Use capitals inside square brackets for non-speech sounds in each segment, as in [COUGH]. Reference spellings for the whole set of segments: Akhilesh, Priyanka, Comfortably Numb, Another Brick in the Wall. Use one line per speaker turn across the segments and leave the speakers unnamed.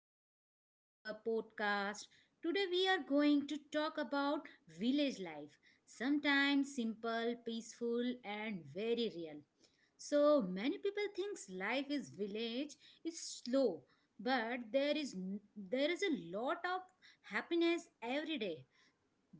back to our podcast. Today we are going to talk about village life. Sometimes simple, peaceful and very real. So many people thinks life is village is slow, but there is a lot of happiness every day.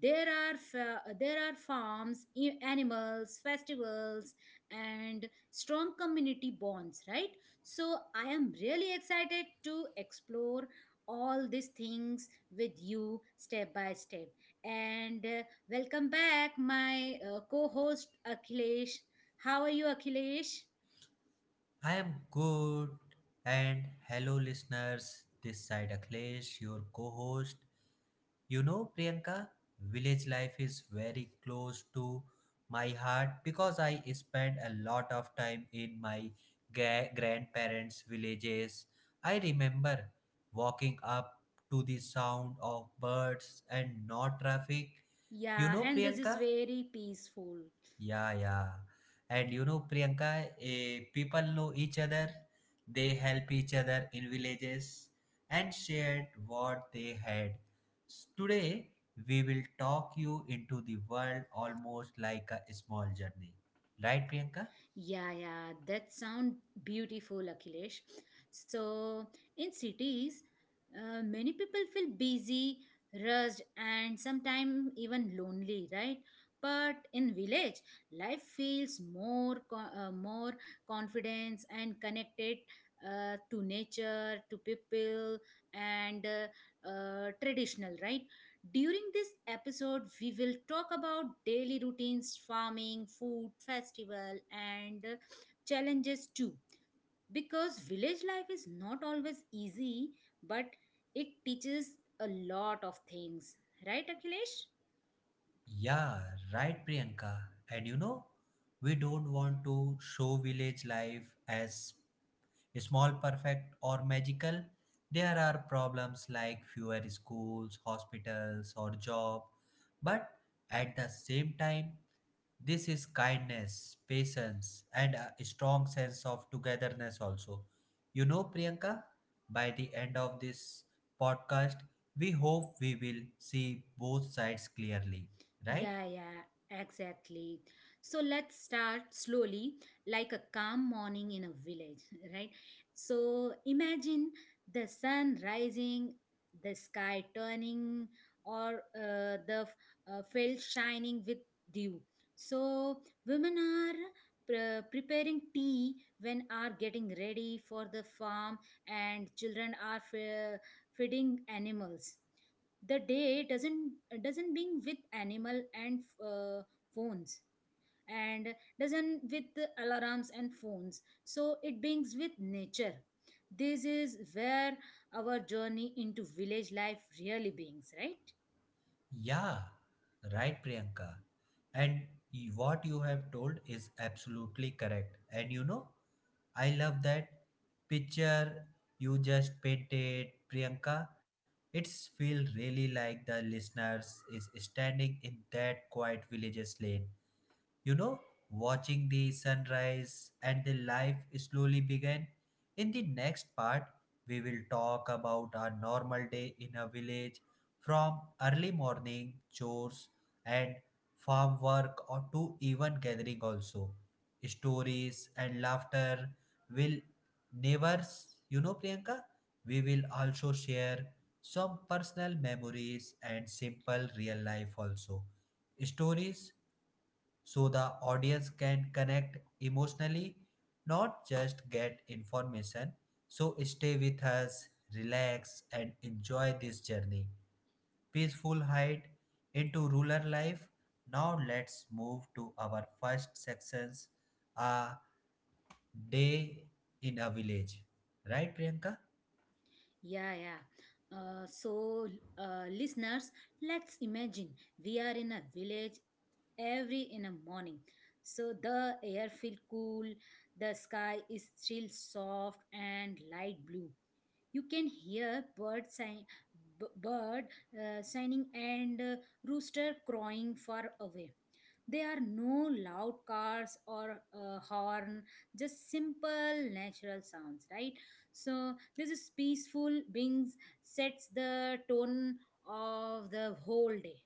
There are there are farms, animals, festivals, and strong community bonds, right? So I am really excited to explore all these things with you step by step. And welcome back, my co-host Akhilesh. How are you, Akhilesh?
I am good. And hello, listeners. This side Akhilesh, your co host. You know, Priyanka, village life is very close to my heart because I spent a lot of time in my grandparents' villages. I remember walking up to the sound of birds and no traffic. You
Yeah,
know,
and this is
Priyanka,
very peaceful.
yeah, yeah. And you know, Priyanka, people know each other, they help each other in villages and shared what they had. Today, we will talk you into the world almost like a small journey. Right, Priyanka?
Yeah, yeah, that sound beautiful, Akhilesh. So, in cities, many people feel busy, rushed, and sometimes even lonely, right? But in village, life feels more, more confidence and connected to nature, to people, and traditional, right? During this episode, we will talk about daily routines, farming, food, festival, and challenges too. Because village life is not always easy, but it teaches a lot of things. Right, Akhilesh?
Yeah, right, Priyanka. And you know, we don't want to show village life as small, perfect, or magical. There are problems like fewer schools, hospitals, or job, but at the same time, this is kindness, patience, and a strong sense of togetherness also. You know, Priyanka, by the end of this podcast, we hope we will see both sides clearly, right?
Yeah, yeah, exactly. So let's start slowly, like a calm morning in a village, [LAUGHS] right? So imagine the sun rising, the sky turning, or field shining with dew. So women are preparing tea when are getting ready for the farm, and children are feeding animals the day doesn't being with animal and phones and doesn't with the alarms and phones, so it beings with nature. This is where our journey into village life really beings, right?
Yeah, right, Priyanka. And what you have told is absolutely correct. And you know, I love that picture you just painted, Priyanka. It's feel really like the listeners is standing in that quiet village's lane you know, watching the sunrise and the life slowly began. In the next part, we will talk about our normal day in a village from early morning chores and farm work or to even gathering also. Stories and laughter will neighbors, you know, Priyanka, we will also share some personal memories and simple real life also. Stories so the audience can connect emotionally, not just get information. So stay with us, relax, and enjoy this journey. Peaceful hide into rural life. Now let's move to our first sections a day in a village. Right, Priyanka?
Yeah, yeah. So listeners, let's imagine we are in a village every in a morning. So the air feels cool, the sky is still soft and light blue. You can hear bird sign, bird signing and rooster crowing far away. There are no loud cars or horn, just simple natural sounds, right? So this is peaceful beings sets the tone of the whole day.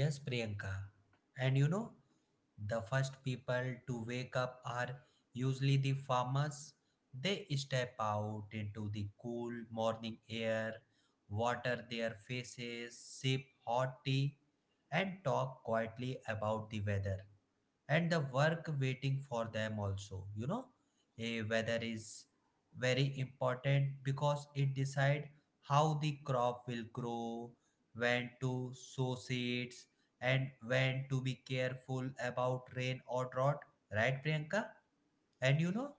Yes, Priyanka. And you know, the first people to wake up are usually the farmers. They step out into the cool morning air, water their faces, sip hot tea, and talk quietly about the weather and the work waiting for them also. You know, a weather is very important because it decides how the crop will grow when to sow seeds, and when to be careful about rain or drought. Right, Priyanka? And you
Y-
know,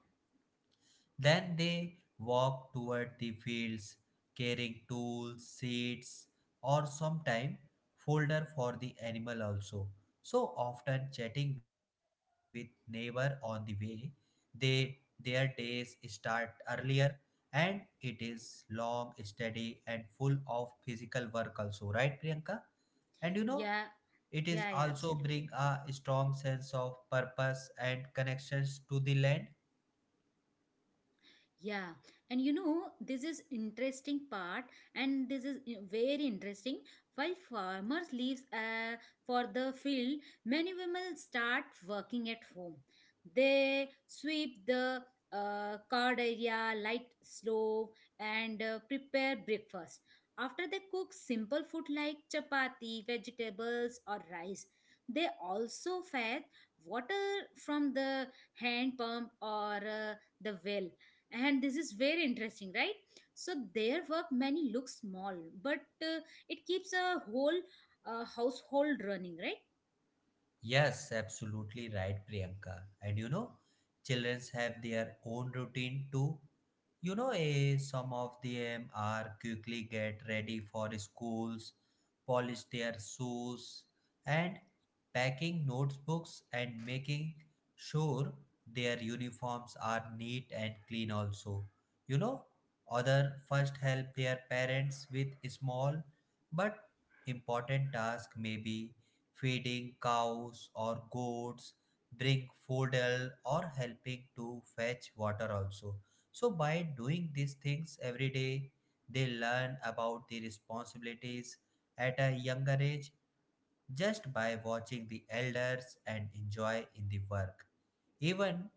then they walk toward the fields carrying tools, seeds, or sometime folder for the animal also. So often chatting with neighbor on the way, they their days start earlier and it is long steady and full of physical work also right priyanka and you know
Yeah,
it is
yeah, yeah,
also bring
absolutely.
a strong sense of purpose and connections to the land.
Yeah, and you know, this is interesting part, and this is very interesting. While farmers leaves for the field, many women start working at home. They sweep the card area, light stove, and prepare breakfast. After they cook simple food like chapati, vegetables, or rice, they also fetch water from the hand pump or the well. And this is very interesting, right? So their work many looks small, but it keeps a whole household running, right?
Yes, absolutely right, Priyanka. And you know, children have their own routine too. You know, some of them are quickly get ready for schools, polish their shoes, and packing notebooks and making sure their uniforms are neat and clean also. You know, other first help their parents with small but important task maybe feeding cows or goats, bring fodder or helping to fetch water also. So by doing these things every day, they learn about the responsibilities at a younger age just by watching the elders and enjoy in the work. Even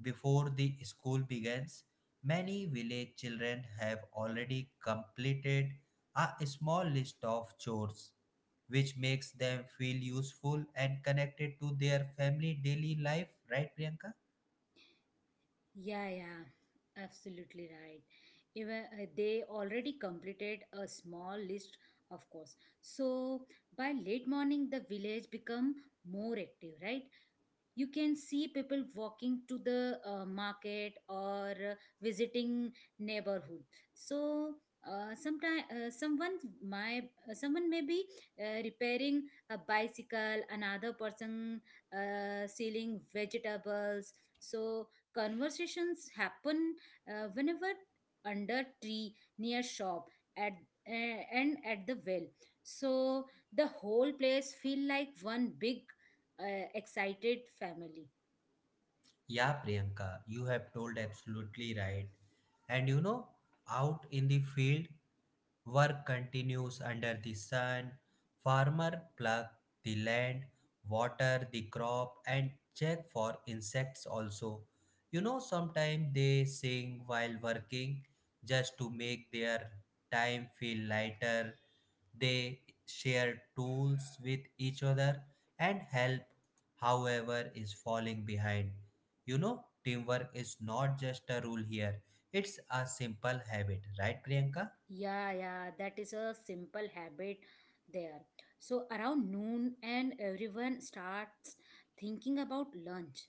before the school begins, many village children have already completed a small list of chores, which makes them feel useful and connected to their family daily life, right, Priyanka?
Yeah, yeah, absolutely right. Even they already completed a small list of course. So by late morning the village become more active, right? You can see people walking to the market or visiting neighborhood. So sometime someone may be repairing a bicycle, another person selling vegetables. So conversations happen whenever, under tree, near shop, at and at the well. So the whole place feel like one big uh, excited family.
Yeah, Priyanka, you have told absolutely right. And you know, out in the field, work continues under the sun. Farmer pluck the land, water the crop, and check for insects also. You know, sometimes they sing while working just to make their time feel lighter. They share tools with each other and help however is falling behind. You know, teamwork is not just a rule here, it's a simple habit, right, Priyanka?
Yeah, yeah, that is a simple habit there. So around noon and everyone starts thinking about lunch,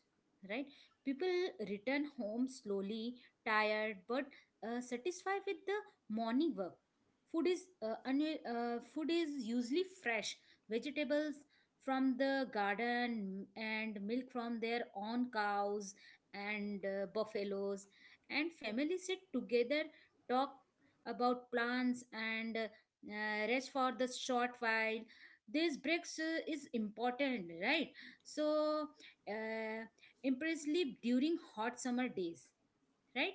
right? People return home slowly, tired but satisfied with the morning work. Food is usually fresh, vegetables from the garden and milk from their own cows and buffaloes. And families sit together, talk about plants, and rest for the short while. These breaks is important, right? So uh, impress sleep during hot summer days, right?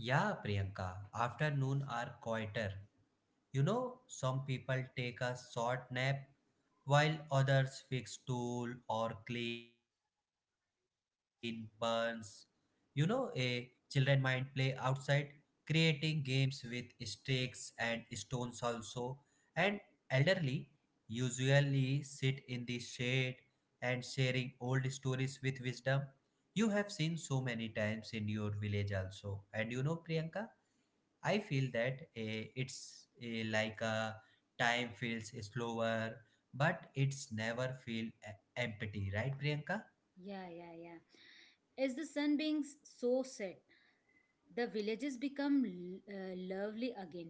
Yeah, Priyanka, afternoon are quieter. You know, some people take a short nap while others fix tool or clean burns. You know, a children might play outside, creating games with sticks and stones also. And elderly usually sit in the shade and sharing old stories with wisdom. You have seen so many times in your village also. And you know, Priyanka, I feel that eh, it's eh, like a time feels slower, but it's never feel empty, right, Priyanka?
Yeah, yeah, yeah. As the sun being so set, the villages become lovely again.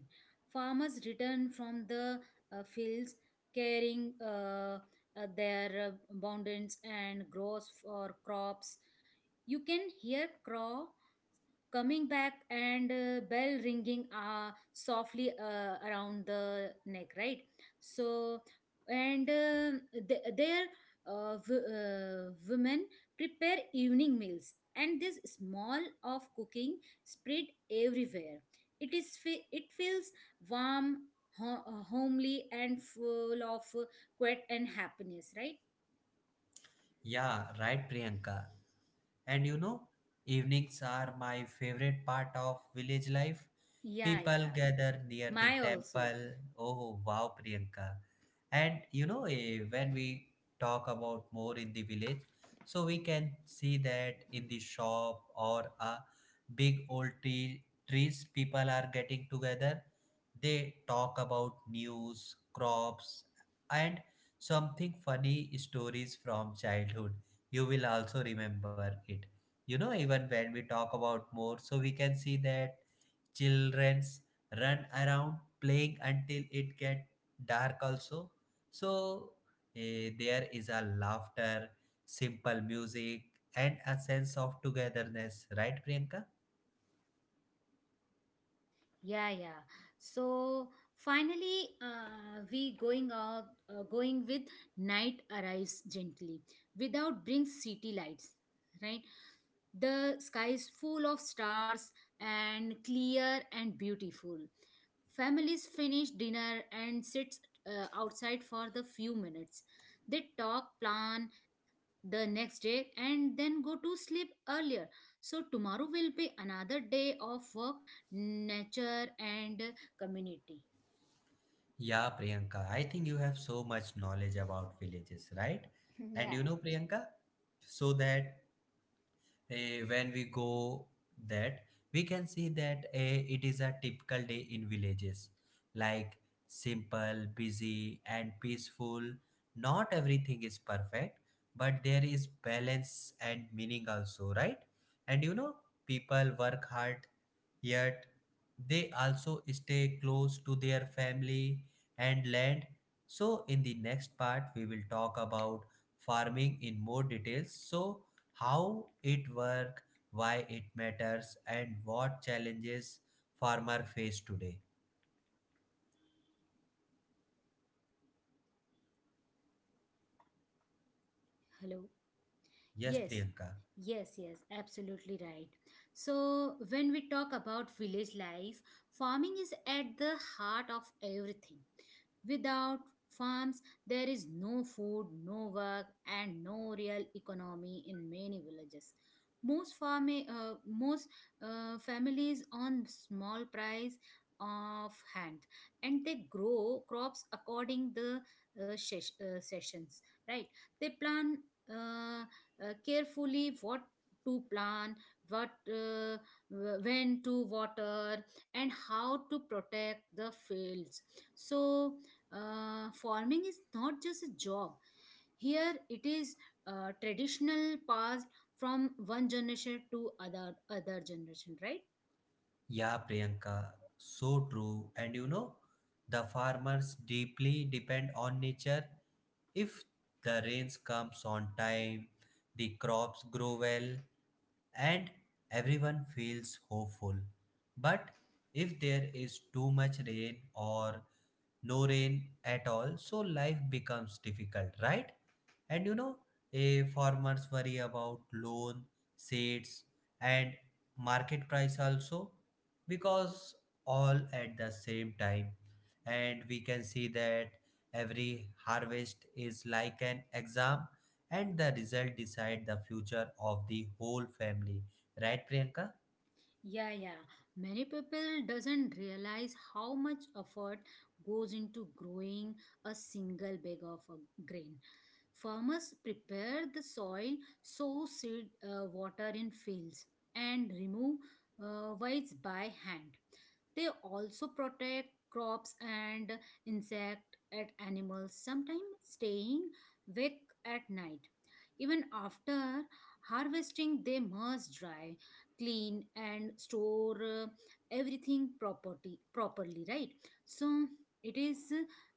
Farmers return from the fields carrying their abundance and grows for crops. You can hear crow coming back and bell ringing softly around the neck, right? So and uh, th- their uh, w- uh, women prepare evening meals, and this small of cooking spread everywhere. It it feels warm, homely and full of quiet and happiness, right?
Yeah, right, Priyanka. And you know, evenings are my favorite part of village life.
Yeah, yeah,
People gather near the
my also.
temple. Oh, wow, Priyanka. And you know, when we talk about more in the village, so we can see that in the shop or a big old trees, people are getting together. They talk about news, crops, and something funny stories from childhood. You will also remember it you know even when we talk about more so we can see that children's run around playing until it get dark also so there is a laughter simple music and a sense of togetherness right priyanka.
Yeah, yeah. So finally, going with night arrives gently, without brings city lights. Right, the sky is full of stars and clear and beautiful. Families finish dinner and sits outside for the few minutes. They talk, plan, the next day, and then go to sleep earlier, so tomorrow will be another day of work, nature and community.
Yeah priyanka I think you have so much knowledge about villages right. And
[LAUGHS] Yeah,
you know priyanka so that when we go that we can see that it is a typical day in villages like simple busy and peaceful not everything is perfect but there is balance and meaning also right and you know people work hard yet they also stay close to their family and land. So, in the next part, we will talk about farming in more details. So, how it works, why it matters, and what challenges farmer face today.
hello.
Yes,
Yes,
Priyanka.
yes, yes, absolutely right. So, when we talk about village life, farming is at the heart of everything. Without farms, there is no food, no work, and no real economy in many villages. Most families on small price of hand, and they grow crops according the sessions. Right? They plan Uh, carefully what to plant, what uh, when to water, and how to protect the fields. So, farming is not just a job. Here it is traditional passed from one generation to other generation, right?
Yeah, Priyanka. So true. And you know, the farmers deeply depend on nature. If the rains comes on time, the crops grow well and everyone feels hopeful. But if there is too much rain or no rain at all, so life becomes difficult, right? And you know, a farmers worry about loan, seeds, and market price also because all at the same time. And we can see that every harvest is like an exam and the result decide the future of the whole family. Right, Priyanka?
Yeah, yeah. Many people doesn't realize how much effort goes into growing a single bag of grain. Farmers prepare the soil, sow seed, water in fields, and remove weeds by hand. They also protect crops and insect at animals, sometimes staying awake at night. Even after harvesting, they must dry, clean and store everything property properly, right? So it is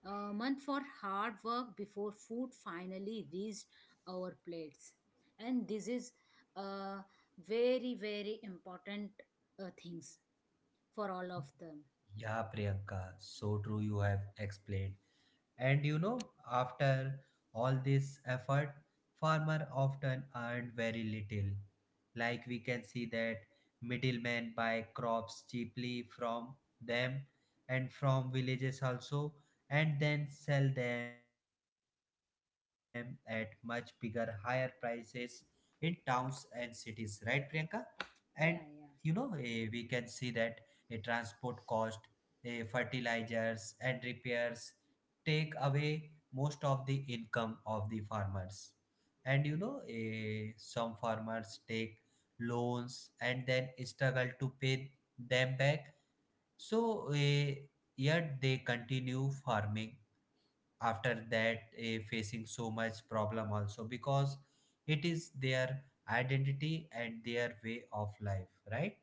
a month for hard work before food finally reached our plates. And this is uh, very, very important things for all of them.
Yeah, Priyanka. So true you have explained. And you know, after all this effort, farmer often earned very little. Like we can see that middlemen buy crops cheaply from them and from villages also and then sell them at much bigger higher prices in towns and cities right priyanka and you know
Yeah,
eh,
yeah.
we can see that a transport cost, fertilizers and repairs take away most of the income of the farmers and you know, some farmers take loans and then struggle to pay them back so yet they continue farming after that, facing so much problem also because it is their identity and their way of life right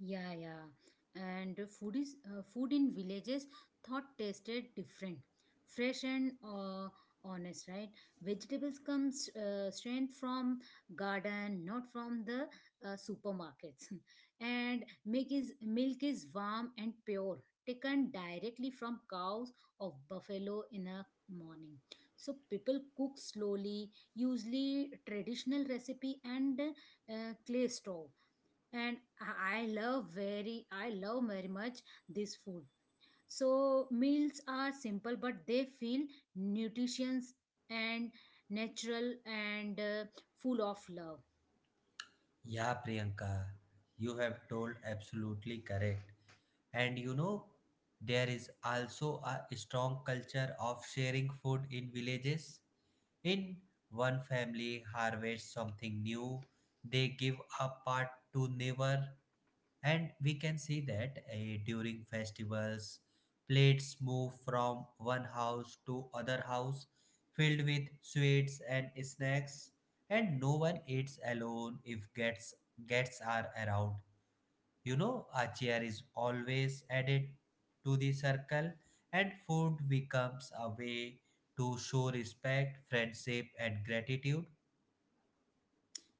Yeah, yeah. And food in villages thought tasted different, fresh and honest, right? Vegetables comes straight from garden, not from the supermarkets. [LAUGHS] And milk is warm and pure, taken directly from cows of buffalo in a morning. So people cook slowly, usually traditional recipe and clay stove. And I love very much this food. So meals are simple but they feel nutritious and natural and full of love.
yeah priyanka you have told absolutely correct. And you know, there is also a strong culture of sharing food in villages. In one family harvests something new, they give a part to neighbor, and we can see that during festivals, plates move from one house to other house, filled with sweets and snacks, and no one eats alone if guests are around. You know, a chair is always added to the circle, and food becomes a way to show respect, friendship, and gratitude.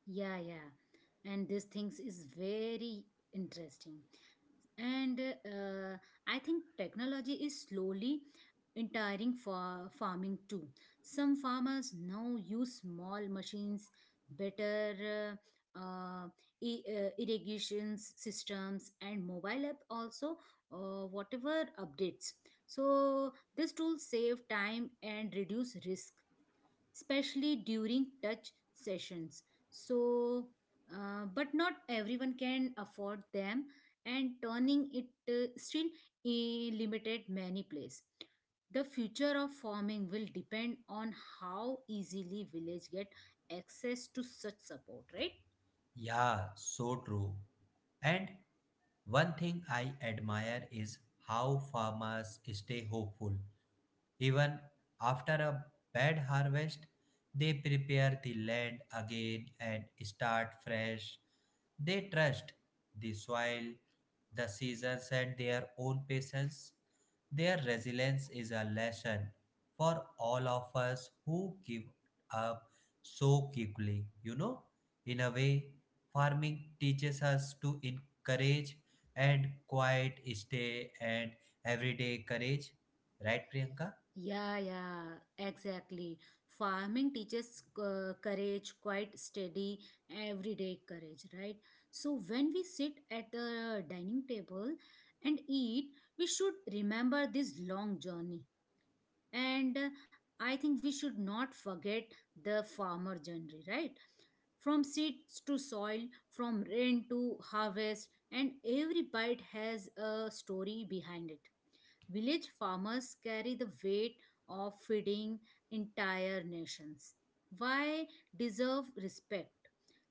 Yeah, yeah. And these things is very interesting, and I think technology is slowly entering for farming too. Some farmers now use small machines, better uh, uh, irrigation systems and mobile app also, whatever updates. So this tool save time and reduce risk, especially during touch sessions. So, but not everyone can afford them, and turning it still eh, limited many place. The future of farming will depend on how easily village get access to such support, right?
Yeah, so true. And one thing I admire is how farmers stay hopeful. Even after a bad harvest, they prepare the land again and start fresh. They trust the soil, the seasons, and their own patience. Their resilience is a lesson for all of us who give up so quickly. You know, in a way, farming teaches us to encourage and quiet stay and everyday courage. Right, Priyanka?
Yeah, yeah, exactly. Farming teaches courage, quite steady, everyday courage, right? So when we sit at the dining table and eat, we should remember this long journey. And I think we should not forget the farmer journey, right? From seeds to soil, from rain to harvest, and every bite has a story behind it. Village farmers carry the weight of feeding entire nations. Why deserve respect?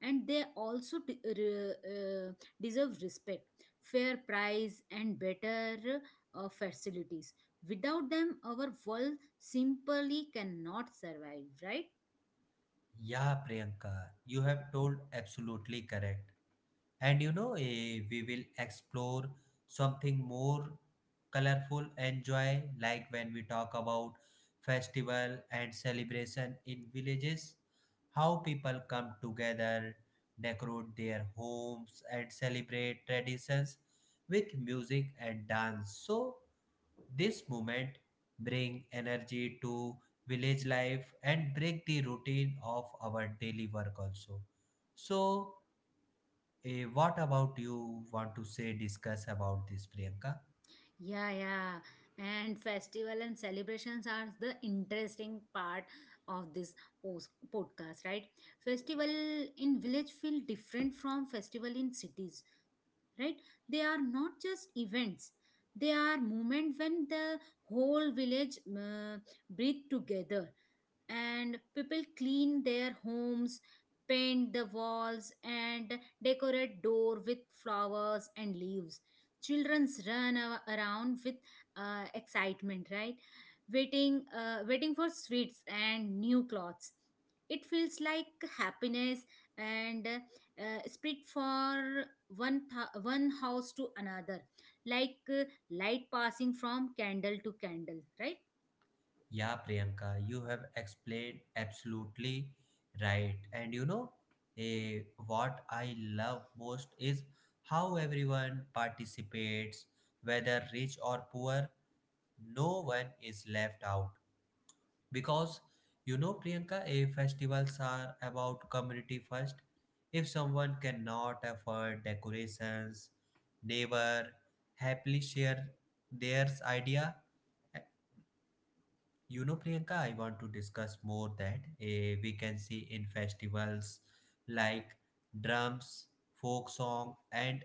And they also uh, deserve respect, fair price, and better facilities. Without them, our world simply cannot survive, right?
Yeah, Priyanka, you have told absolutely correct. And you know, we will explore something more colorful and joy, like when we talk about festival and celebration in villages, how people come together, decorate their homes, and celebrate traditions with music and dance. So this movement bring energy to village life and break the routine of our daily work also. So, what about you want to say discuss about this Priyanka?
Yeah, yeah. And festival and celebrations are the interesting part of this podcast, right? Festival in village feel different from festival in cities, right? They are not just events, they are moments when the whole village breathe together. And people clean their homes, paint the walls and decorate door with flowers and leaves. Children run a- around with excitement right? Waiting for sweets and new clothes. It feels like happiness and spread for one house to another, like light passing from candle to candle, right?
Yeah, Priyanka, you have explained absolutely right. And you know, eh, what I love most is how everyone participates, whether rich or poor, no one is left out. Because you know, Priyanka, if festivals are about community first, if someone cannot afford decorations, neighbor happily share their idea you know, Priyanka, I want to discuss more that we can see in festivals like drums, folk song, and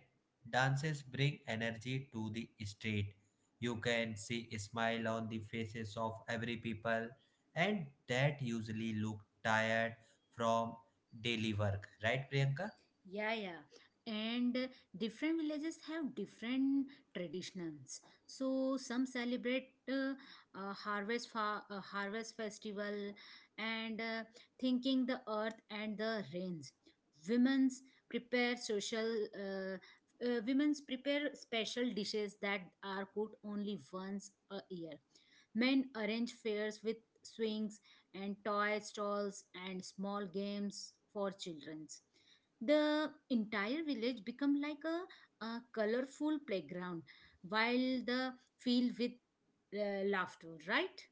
dances bring energy to the street. You can see a smile on the faces of every people, and that usually look tired from daily work, right, Priyanka?
Yeah, yeah. And different villages have different traditions. So some celebrate harvest festival and thanking the earth and the rains. Women's prepare social uh, Women's prepare special dishes that are cooked only once a year. Men arrange fairs with swings and toy stalls and small games for children. The entire village become like a colorful playground, while the field with laughter, right?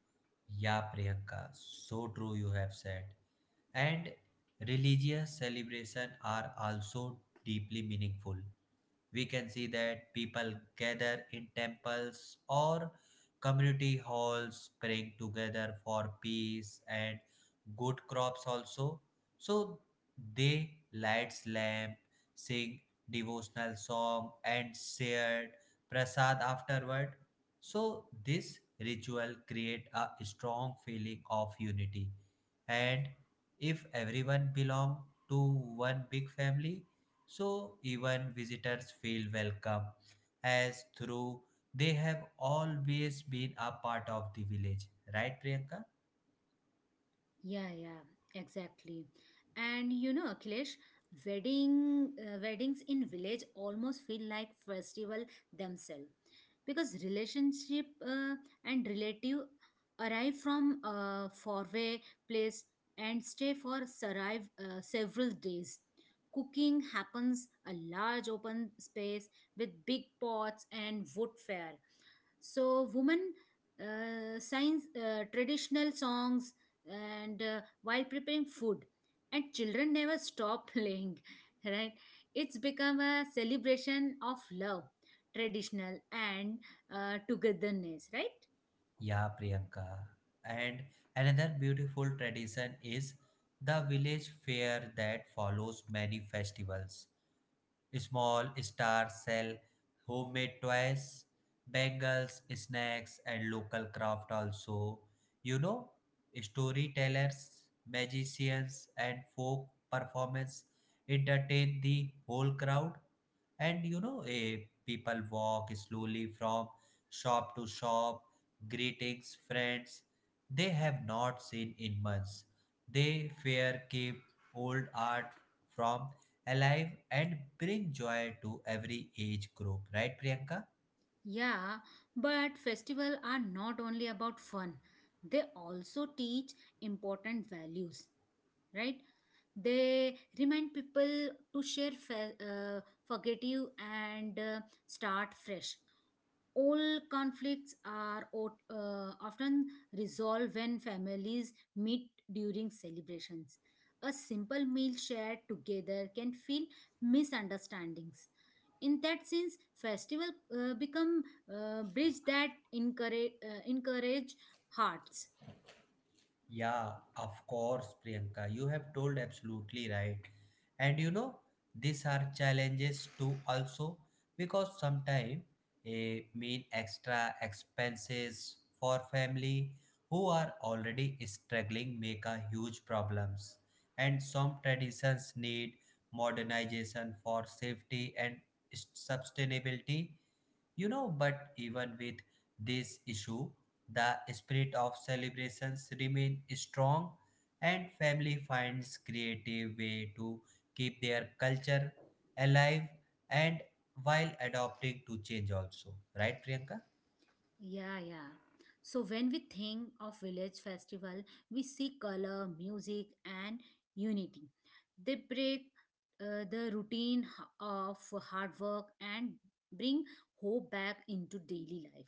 Yeah, Priyanka, so true you have said. And religious celebration are also deeply meaningful. We can see that people gather in temples or community halls praying together for peace and good crops also. So they lights lamp, sing devotional song and shared prasad afterward. So this ritual create a strong feeling of unity and if everyone belong to one big family, so even visitors feel welcome as through they have always been a part of the village, right Priyanka?
Yeah, yeah, exactly. And you know, Akhilesh, weddings in village almost feel like festival themselves, because relationship and relative arrive from a faraway place and stay for several days. Cooking happens a large open space with big pots and wood fire. So women sings traditional songs and while preparing food, and children never stop [LAUGHS] playing, right? It's become a celebration of love, traditional and togetherness, right?
Yeah Priyanka, and another beautiful tradition is the village fair that follows many festivals. Small stars sell homemade toys, bangles, snacks, and local craft also. You know, storytellers, magicians, and folk performance entertain the whole crowd, and people walk slowly from shop to shop greetings friends they have not seen in months. They fair keep old art from alive and bring joy to every age group, right Priyanka?
Yeah, but festival are not only about fun, they also teach important values, right? They remind people to share, forgive and start fresh. All conflicts are often resolved when families meet during celebrations. A simple meal shared together can feel misunderstandings. In that sense, festival become bridge that encourage hearts.
Yeah, of course, Priyanka. You have told absolutely right. And you know, these are challenges too, also, because sometimes a mean extra expenses for family who are already struggling make a huge problems. And some traditions need modernization for safety and sustainability, you know, but even with this issue, the spirit of celebrations remain strong and family finds creative way to keep their culture alive and while adopting to change also. Right, Priyanka?
Yeah, yeah. So when we think of village festival, we see color, music, and unity. They break the routine of hard work and bring hope back into daily life.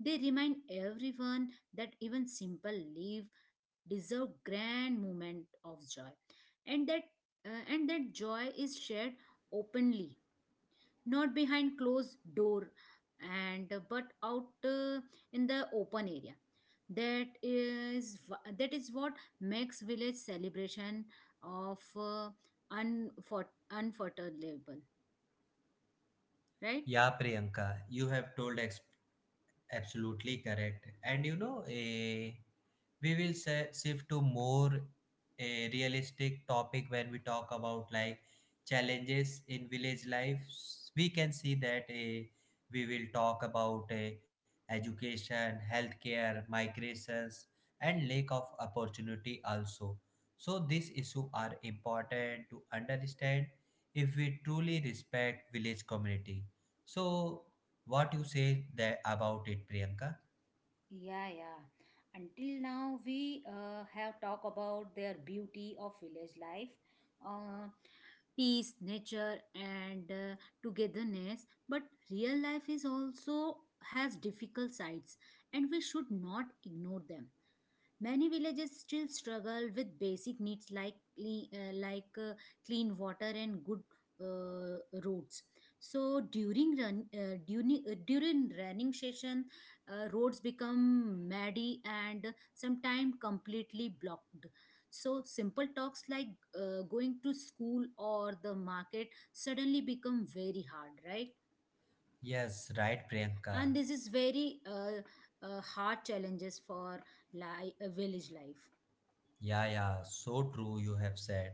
They remind everyone that even simple life deserve grand moment of joy, and that joy is shared openly, not behind closed door, and but out in the open area. That is what makes village celebration of uh, unforgettable, right?
Yeah, Priyanka, you have told ex- absolutely correct. And you know, eh. We will shift to more a realistic topic. When we talk about like challenges in village life, we can see that a we will talk about a education, healthcare, migrations, and lack of opportunity also. So these issues are important to understand if we truly respect village community. So what you say that about it, Priyanka?
Yeah, yeah. Until now, we have talked about their beauty of village life. Uh, Peace, nature, and togetherness. But real life is also has difficult sides, and we should not ignore them. Many villages still struggle with basic needs like clean water and good uh, roads. So during running session, roads become muddy and sometimes completely blocked. So simple talks like going to school or the market suddenly become very hard, right?
Yes, right Priyanka.
And this is very hard challenges for village life.
Yeah, yeah, so true, you have said.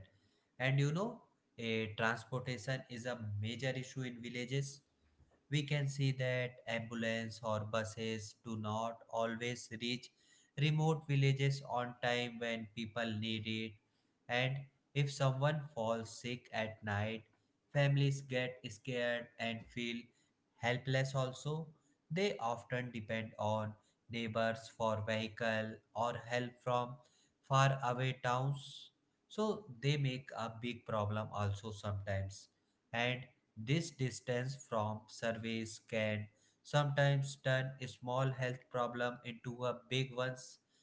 And you know, a transportation is a major issue in villages. We can see that ambulance or buses do not always reach remote villages on time when people need it. And if someone falls sick at night, families get scared and feel helpless also. They often depend on neighbors for vehicle or help from far away towns, so they make a big problem also sometimes. And this distance from surveys can sometimes turn a small health problem into a big one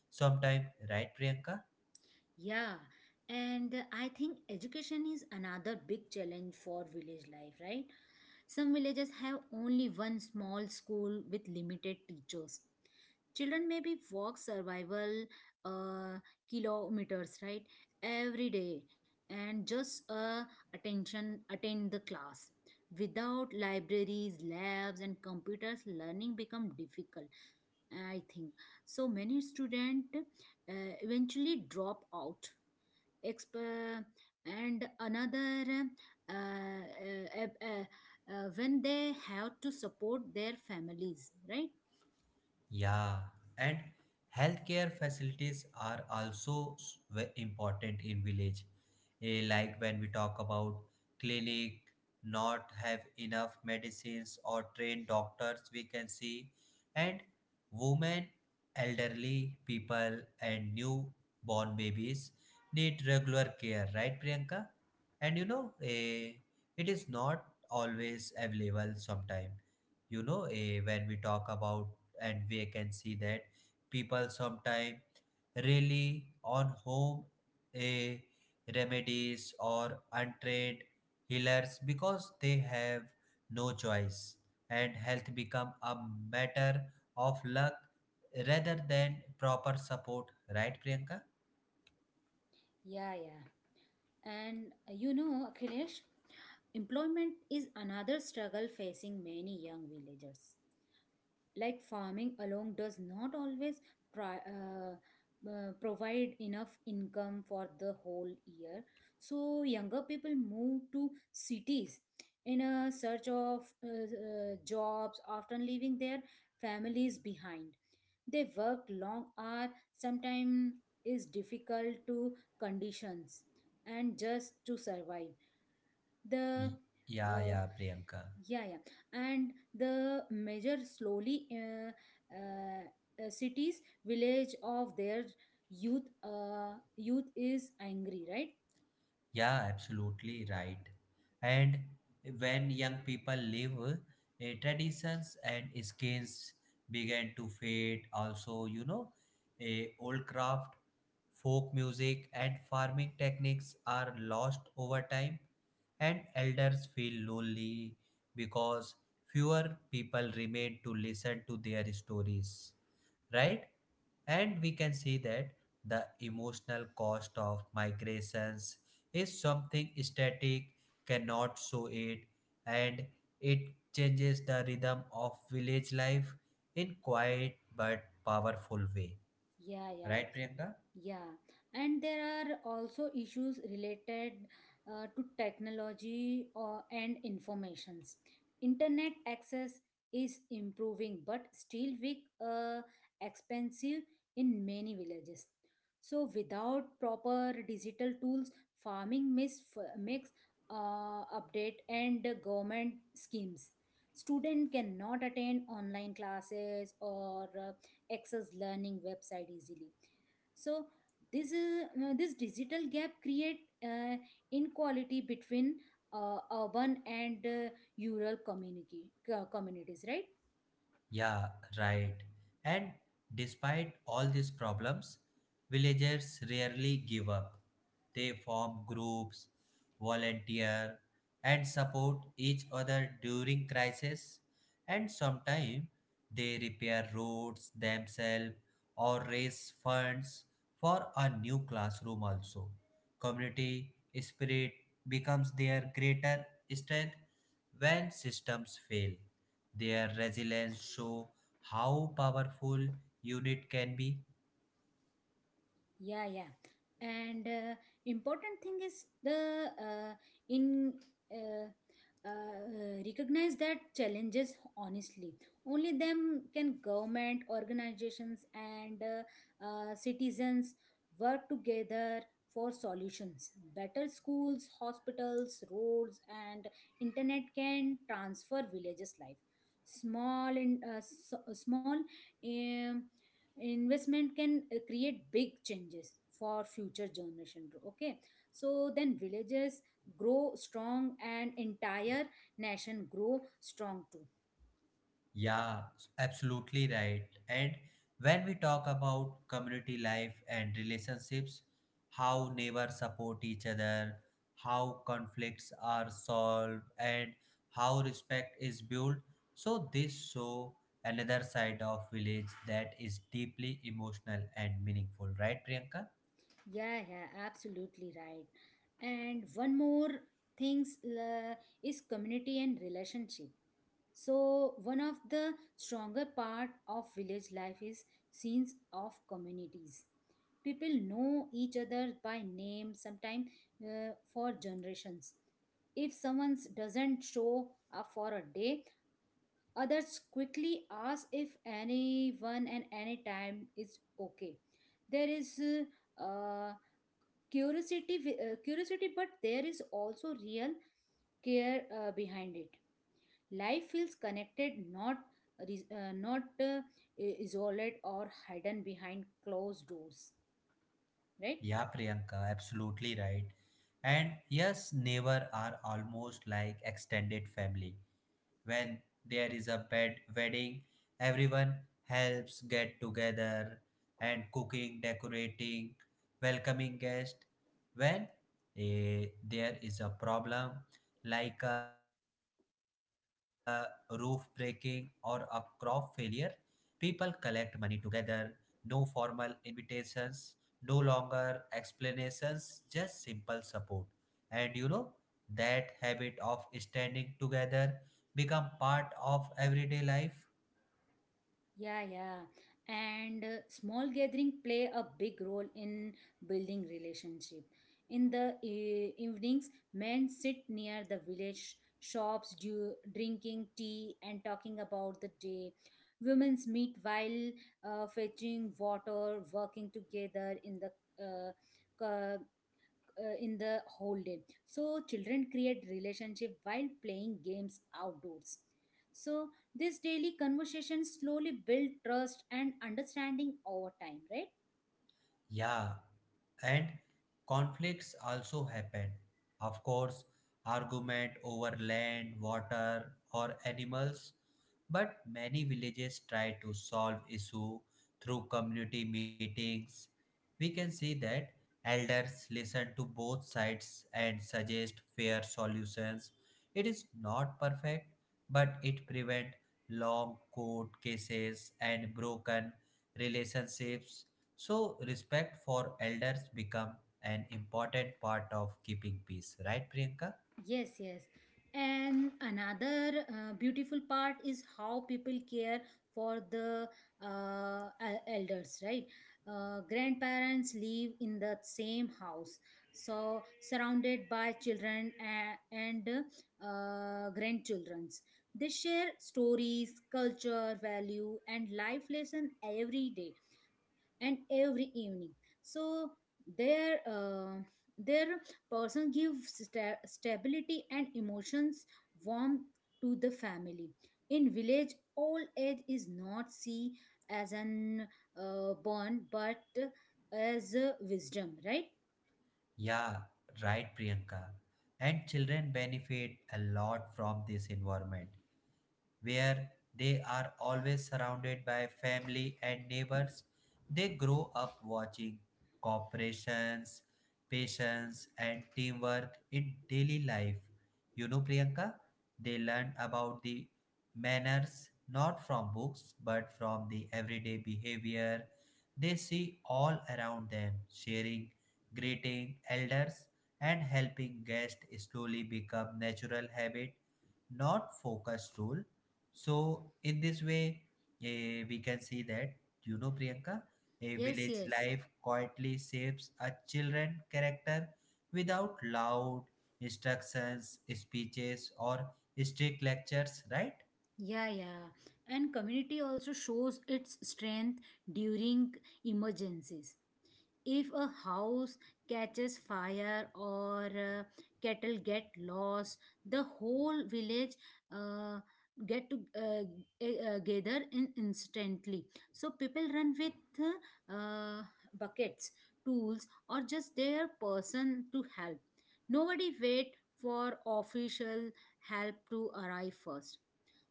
sometimes, right Priyanka?
Yeah, and I think education is another big challenge for village life, right? Some villages have only one small school with limited teachers. Children maybe walk survival uh, kilometers, right, every day, and just attention attend the class. Without libraries, labs, and computers, learning become difficult. I think so. Many students eventually drop out Exp- and another uh, uh, uh, when they have to support their families right
Yeah, and healthcare facilities are also important in village. Like when we talk about clinic not have enough medicines or trained doctors, we can see, and women, elderly people, and newborn babies need regular care, right, Priyanka? And it is not always available. Sometime, when we talk about and we can see that people sometimes rely on home eh, remedies or untrained healers because they have no choice, and health become a matter of luck rather than proper support, right Priyanka?
Yeah, yeah. and you know, Akhilesh, employment is another struggle facing many young villagers. Like farming alone does not always pri- uh, provide enough income for the whole year, so younger people move to cities in a search of jobs, often leaving their families behind. They work long hours, sometimes is difficult to conditions, and just to survive the
Y- yeah
uh,
yeah Priyanka.
yeah, yeah. And the measure slowly cities village of their youth is angry, right?
Yeah, absolutely right. And when young people leave, traditions and skills began to fade. Also, you know, old craft, folk music, and farming techniques are lost over time, and elders feel lonely because fewer people remain to listen to their stories. Right? And we can see that the emotional cost of migrations is something static cannot show it, and it changes the rhythm of village life in quiet but powerful way.
Yeah, yeah.
Right, Priyanka?
Yeah, and there are also issues related to technology or, and informations. Internet access is improving, but still weak, expensive in many villages. So without proper digital tools, makes update and government schemes. Student cannot attend online classes or access learning website easily. So this digital gap create inequality between urban and rural communities, right?
Yeah, right. And despite all these problems, villagers rarely give up. They form groups, volunteer, and support each other during crisis. And sometimes they repair roads themselves or raise funds for a new classroom also. Community spirit becomes their greater strength when systems fail. Their resilience show how powerful unit can be.
Yeah, yeah. And important thing is the in uh, recognize that challenges honestly. Only them can government, organizations, and citizens work together for solutions. Better schools, hospitals, roads, and internet can transfer villages life. Small and small um, investment can create big changes for future generation. Okay, so then villages grow strong and entire nation grow strong too.
Yeah, absolutely right. And when we talk about community life and relationships, how neighbors support each other, how conflicts are solved, and how respect is built. So this show another side of village that is deeply emotional and meaningful, right, Priyanka?
Yeah, yeah, absolutely right. And one more things is community and relationship. So one of the stronger part of village life is scenes of communities. People know each other by name, sometimes for generations. If someone doesn't show up for a day, others quickly ask if anyone and any time is okay. There is curiosity, curiosity, but there is also real care behind it. Life feels connected, not res- uh, not uh, isolated or hidden behind closed doors, right?
Yeah, Priyanka, absolutely right. And yes, neighbor are almost like extended family. When there is a bed wedding, everyone helps get together, and cooking, decorating, welcoming guests. When there is a problem like a roof breaking or a crop failure, people collect money together. No formal invitations, no longer explanations, just simple support. And you know, that habit of standing together become part of everyday life.
Yeah, yeah. And small gathering play a big role in building relationship. In the evenings, men sit near the village shops, drinking tea and talking about the day. Women meet while fetching water, working together uh, in the whole day. So children create relationship while playing games outdoors. So this daily conversation slowly build trust and understanding over time, right?
Yeah, and conflicts also happen. Of course, argument over land, water, or animals. But many villages try to solve issue through community meetings. We can see that elders listen to both sides and suggest fair solutions. It is not perfect, but it prevent long court cases and broken relationships, so respect for elders become an important part of keeping peace, right Priyanka?
Yes, yes. And another beautiful part is how people care for the elders, right? Grandparents live in the same house, so surrounded by children and grandchildrens. They share stories, culture, value, and life lesson every day and every evening. So their uh, their person gives stability and emotions warmth to the family. In village, old age is not seen as an burn but as a wisdom, right?
Yeah, right Priyanka. And children benefit a lot from this environment, where they are always surrounded by family and neighbors. They grow up watching corporations, patience, and teamwork in daily life. You know, Priyanka, they learn about the manners not from books but from the everyday behavior they see all around them. Sharing, greeting elders, and helping guests slowly become natural habit, not focused rule. So in this way, we can see that, you know Priyanka, a
Yes,
village
yes.
life quietly shapes a children character without loud instructions, speeches, or strict lectures, right?
Yeah, yeah. And community also shows its strength during emergencies. If a house catches fire or cattle get lost, the whole village uh, get to uh, gather in instantly. So people run with uh, buckets, tools, or just their person to help. Nobody wait for official help to arrive first.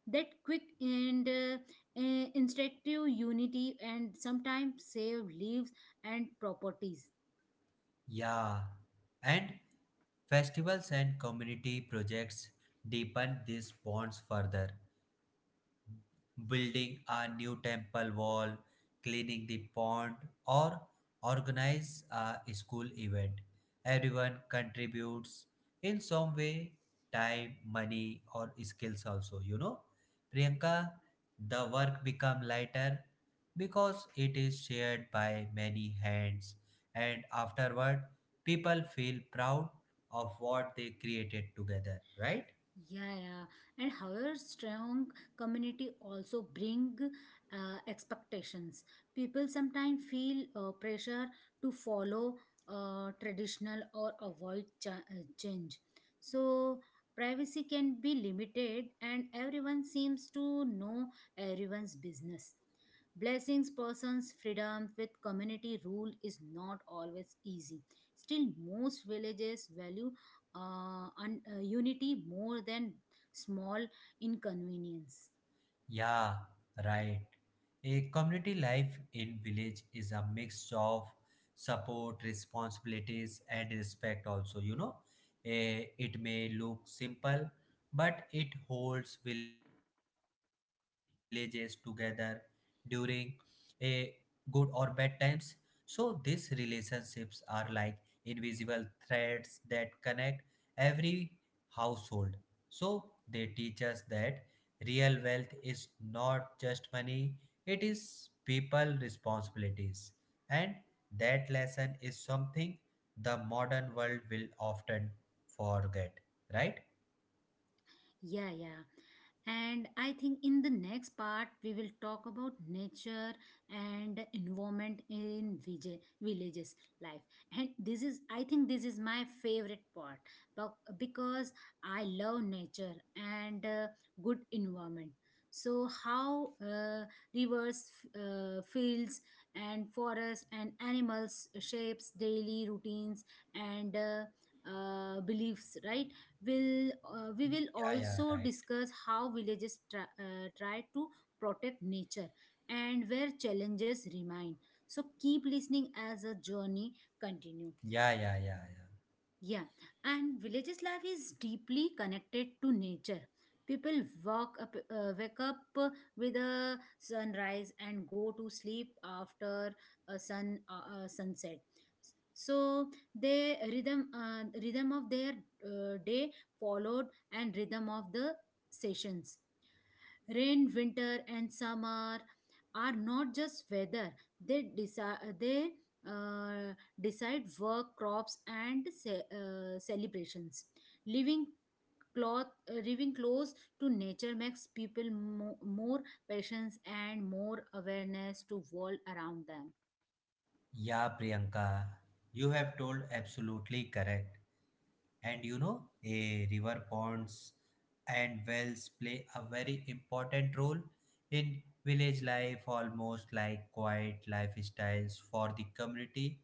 That quick and instinctive unity and sometimes save lives and properties.
Yeah, and festivals and community projects deepen these bonds further. Building a new temple wall, cleaning the pond, or organize a school event. Everyone contributes in some way: time, money, or skills also, you know. Priyanka, the work become lighter because it is shared by many hands, and afterward people feel proud of what they created together, right?
Yeah, yeah. And however, strong community also bring expectations. People sometimes feel pressure to follow traditional or avoid change. So privacy can be limited, and everyone seems to know everyone's business. Blessings person's freedom with community rule is not always easy. Still, most villages value unity more than small inconvenience.
Yeah, right. A community life in village is a mix of support, responsibilities, and respect also, you know. It may look simple, but it holds villages together during a good or bad times. So these relationships are like invisible threads that connect every household. So they teach us that real wealth is not just money, it is people responsibilities. And that lesson is something the modern world will often forget, right?
Yeah, yeah. And I think in the next part, we will talk about nature and environment in villages life. And this is, I think, this is my favorite part, but because I love nature and good environment. So how rivers, fields, and forests and animals shapes daily routines and beliefs, right? Will we will
Yeah, yeah,
also
right.
discuss how villages try to protect nature and where challenges remain. So keep listening as a journey continue.
Yeah, yeah, yeah, yeah.
Yeah, and villages life is deeply connected to nature. People wake up with a sunrise and go to sleep after a sunset. So the rhythm of their day followed and rhythm of the sessions. Rain, winter, and summer are not just weather, they, uh, decide work, crops, and celebrations. Living cloth living close to nature makes people more patient and more awareness to world around them.
Yeah, Priyanka, you have told absolutely correct. And you know, a river ponds and wells play a very important role in village life, almost like quiet lifestyles for the community.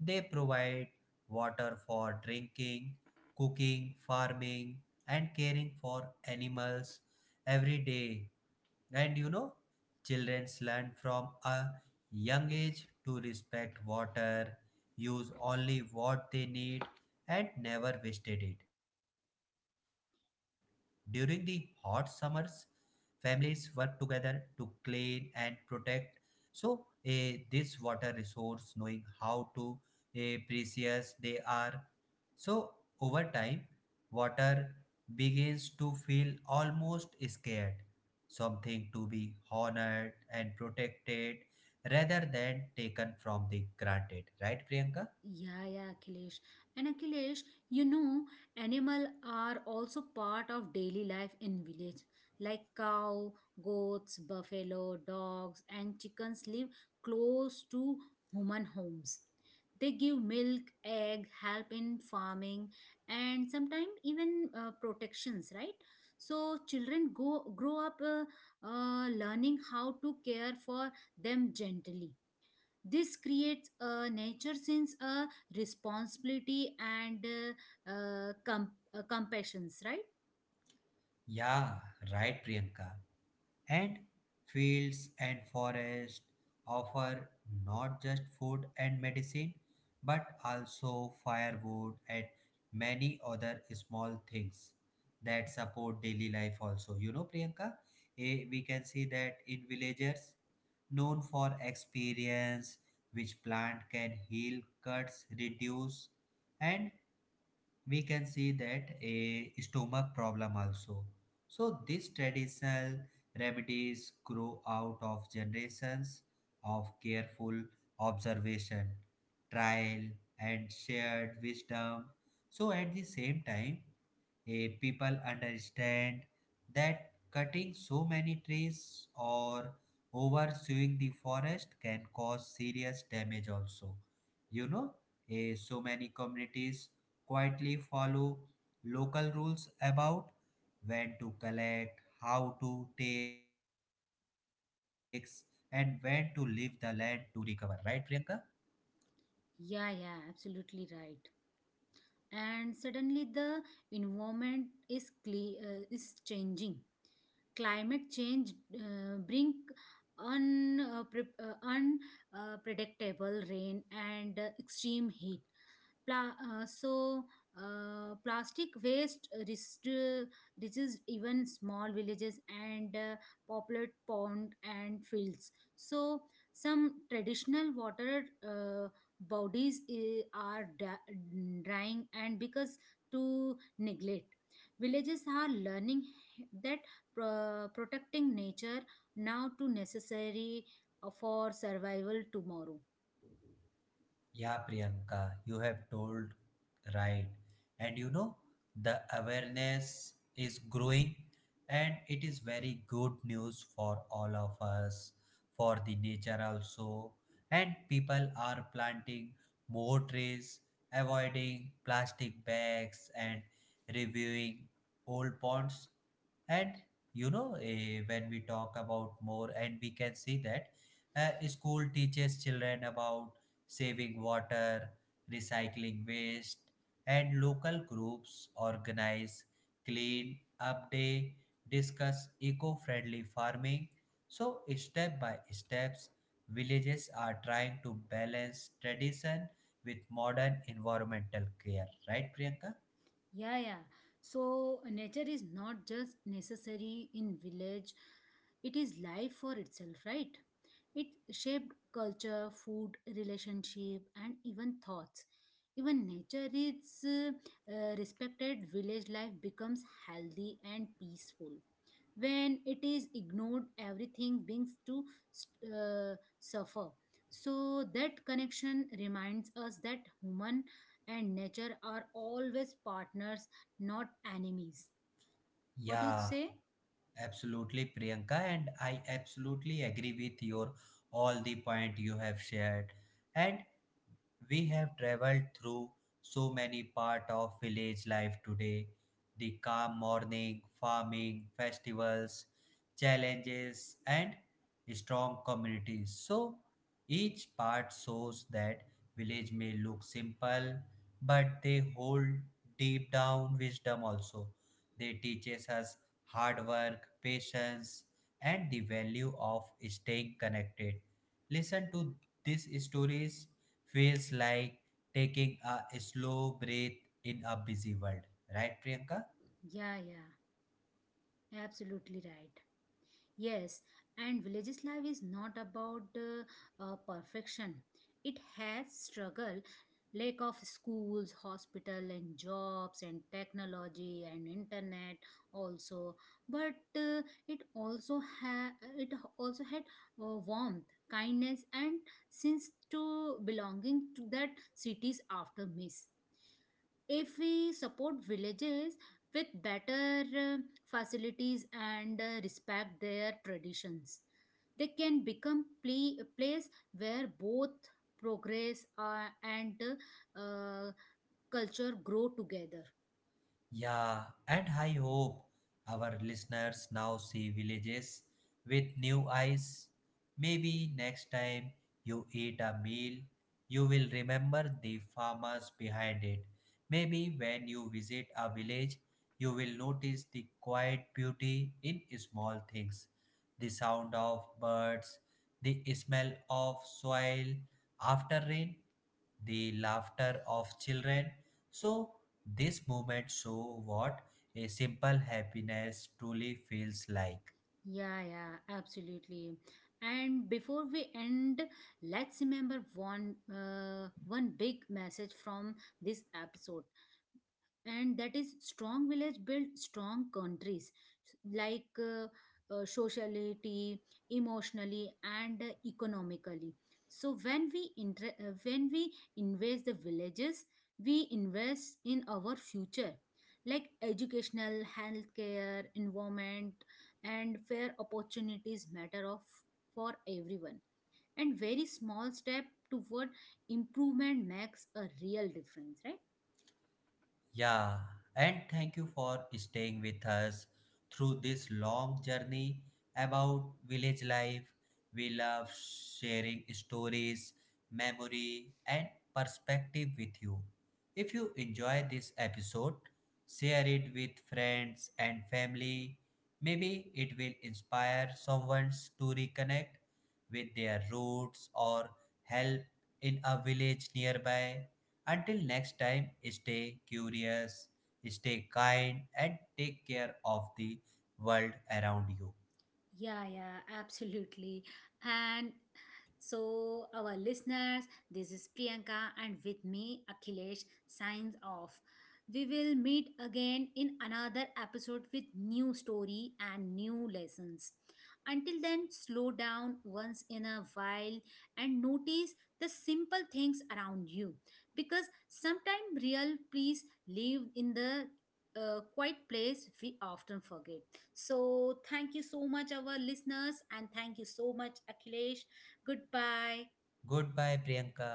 They provide water for drinking, cooking, farming, and caring for animals every day. And you know, childrens learn from a young age to respect water, use only what they need, and never wasted it. During the hot summers, families work together to clean and protect. So, this water resource, knowing how to precious they are, so, over time, water begins to feel almost scared, something to be honored and protected rather than taken from the granted. Right, Priyanka?
Yeah, yeah, Akhilesh. And Akhilesh, you know, animal are also part of daily life in village. Like cow, goats, buffalo, dogs, and chickens live close to human homes. They give milk, egg, help in farming, and sometimes even protections, right? So children go grow up learning how to care for them gently. This creates a nature sense a responsibility and compassions, right?
Yeah, right, Priyanka. And fields and forests offer not just food and medicine, but also firewood and many other small things that support daily life also. You know, Priyanka, we can see that in villagers known for experience, which plant can heal cuts, reduce, and we can see that a stomach problem also. So these traditional remedies grow out of generations of careful observation, trial, and shared wisdom. So at the same time, people understand that cutting so many trees or oversewing the forest can cause serious damage also. You know, so many communities quietly follow local rules about when to collect, how to take, and when to leave the land to recover. Right, Priyanka?
Yeah, yeah, absolutely right. And suddenly the environment is is changing. Climate change bring unpredictable rain and extreme heat. So plastic waste reaches even small villages and populated pond and fields. So some traditional water bodies eh, are drying, and because to neglect, villages are learning that protecting nature now to necessary for survival tomorrow.
Yeah, Priyanka, you have told right. And you know, the awareness is growing, and it is very good news for all of us, for the nature also. And people are planting more trees, avoiding plastic bags, and reviewing old ponds. And you know, when we talk about more, and we can see that school teaches children about saving water, recycling waste, and local groups organize clean up day, discuss eco-friendly farming. So step by steps, villages are trying to balance tradition with modern environmental care, right Priyanka?
Yeah, yeah. So nature is not just necessary in village, it is life for itself, right? It shaped culture, food, relationship, and even thoughts. Even nature is respected, village life becomes healthy and peaceful. When it is ignored, everything begins to suffer. So that connection reminds us that human and nature are always partners, not enemies. What you
Yeah,
say?
absolutely Priyanka, and I absolutely agree with your all the point you have shared. And we have traveled through so many parts of village life today: the calm morning, farming, festivals, challenges, and strong communities. So each part shows that village may look simple, but they hold deep down wisdom also. They teaches us hard work, patience, and the value of staying connected. Listen to these stories feels like taking a slow breath in a busy world. Right, Priyanka?
Yeah, yeah, absolutely right. Yes, and villages life is not about perfection. It has struggle, lack of schools, hospital, and jobs, and technology, and internet also. But it also ha- it also had warmth, kindness, and sense to belonging to that cities after miss. If we support villages with better facilities and respect their traditions, they can become a place where both progress and uh, culture grow together.
Yeah, and I hope our listeners now see villages with new eyes. Maybe next time you eat a meal, you will remember the farmers behind it. Maybe when you visit a village, you will notice the quiet beauty in small things: the sound of birds, the smell of soil after rain, the laughter of children. So this moment show what a simple happiness truly feels like.
Yeah, yeah, absolutely. And before we end, let's remember one big message from this episode, and that is strong village build strong countries. Like socially, emotionally, and economically. So when we when we invest the villages, we invest in our future. Like educational, healthcare, environment, and fair opportunities matter of for everyone. And very small step toward improvement makes a real difference, right?
Yeah, and thank you for staying with us through this long journey about village life. We love sharing stories, memory, and perspective with you. If you enjoy this episode, share it with friends and family. Maybe it will inspire someone to reconnect with their roots or help in a village nearby. Until next time, stay curious, stay kind, and take care of the world around you.
Yeah, yeah, absolutely. And so, our listeners, this is Priyanka, and with me, Akhilesh, signs off. We will meet again in another episode with new story and new lessons. Until then, slow down once in a while and notice the simple things around you, because sometimes real peace live in the quiet place we often forget. So, thank you so much, our listeners, and thank you so much, Akhilesh. Goodbye.
Goodbye, Priyanka.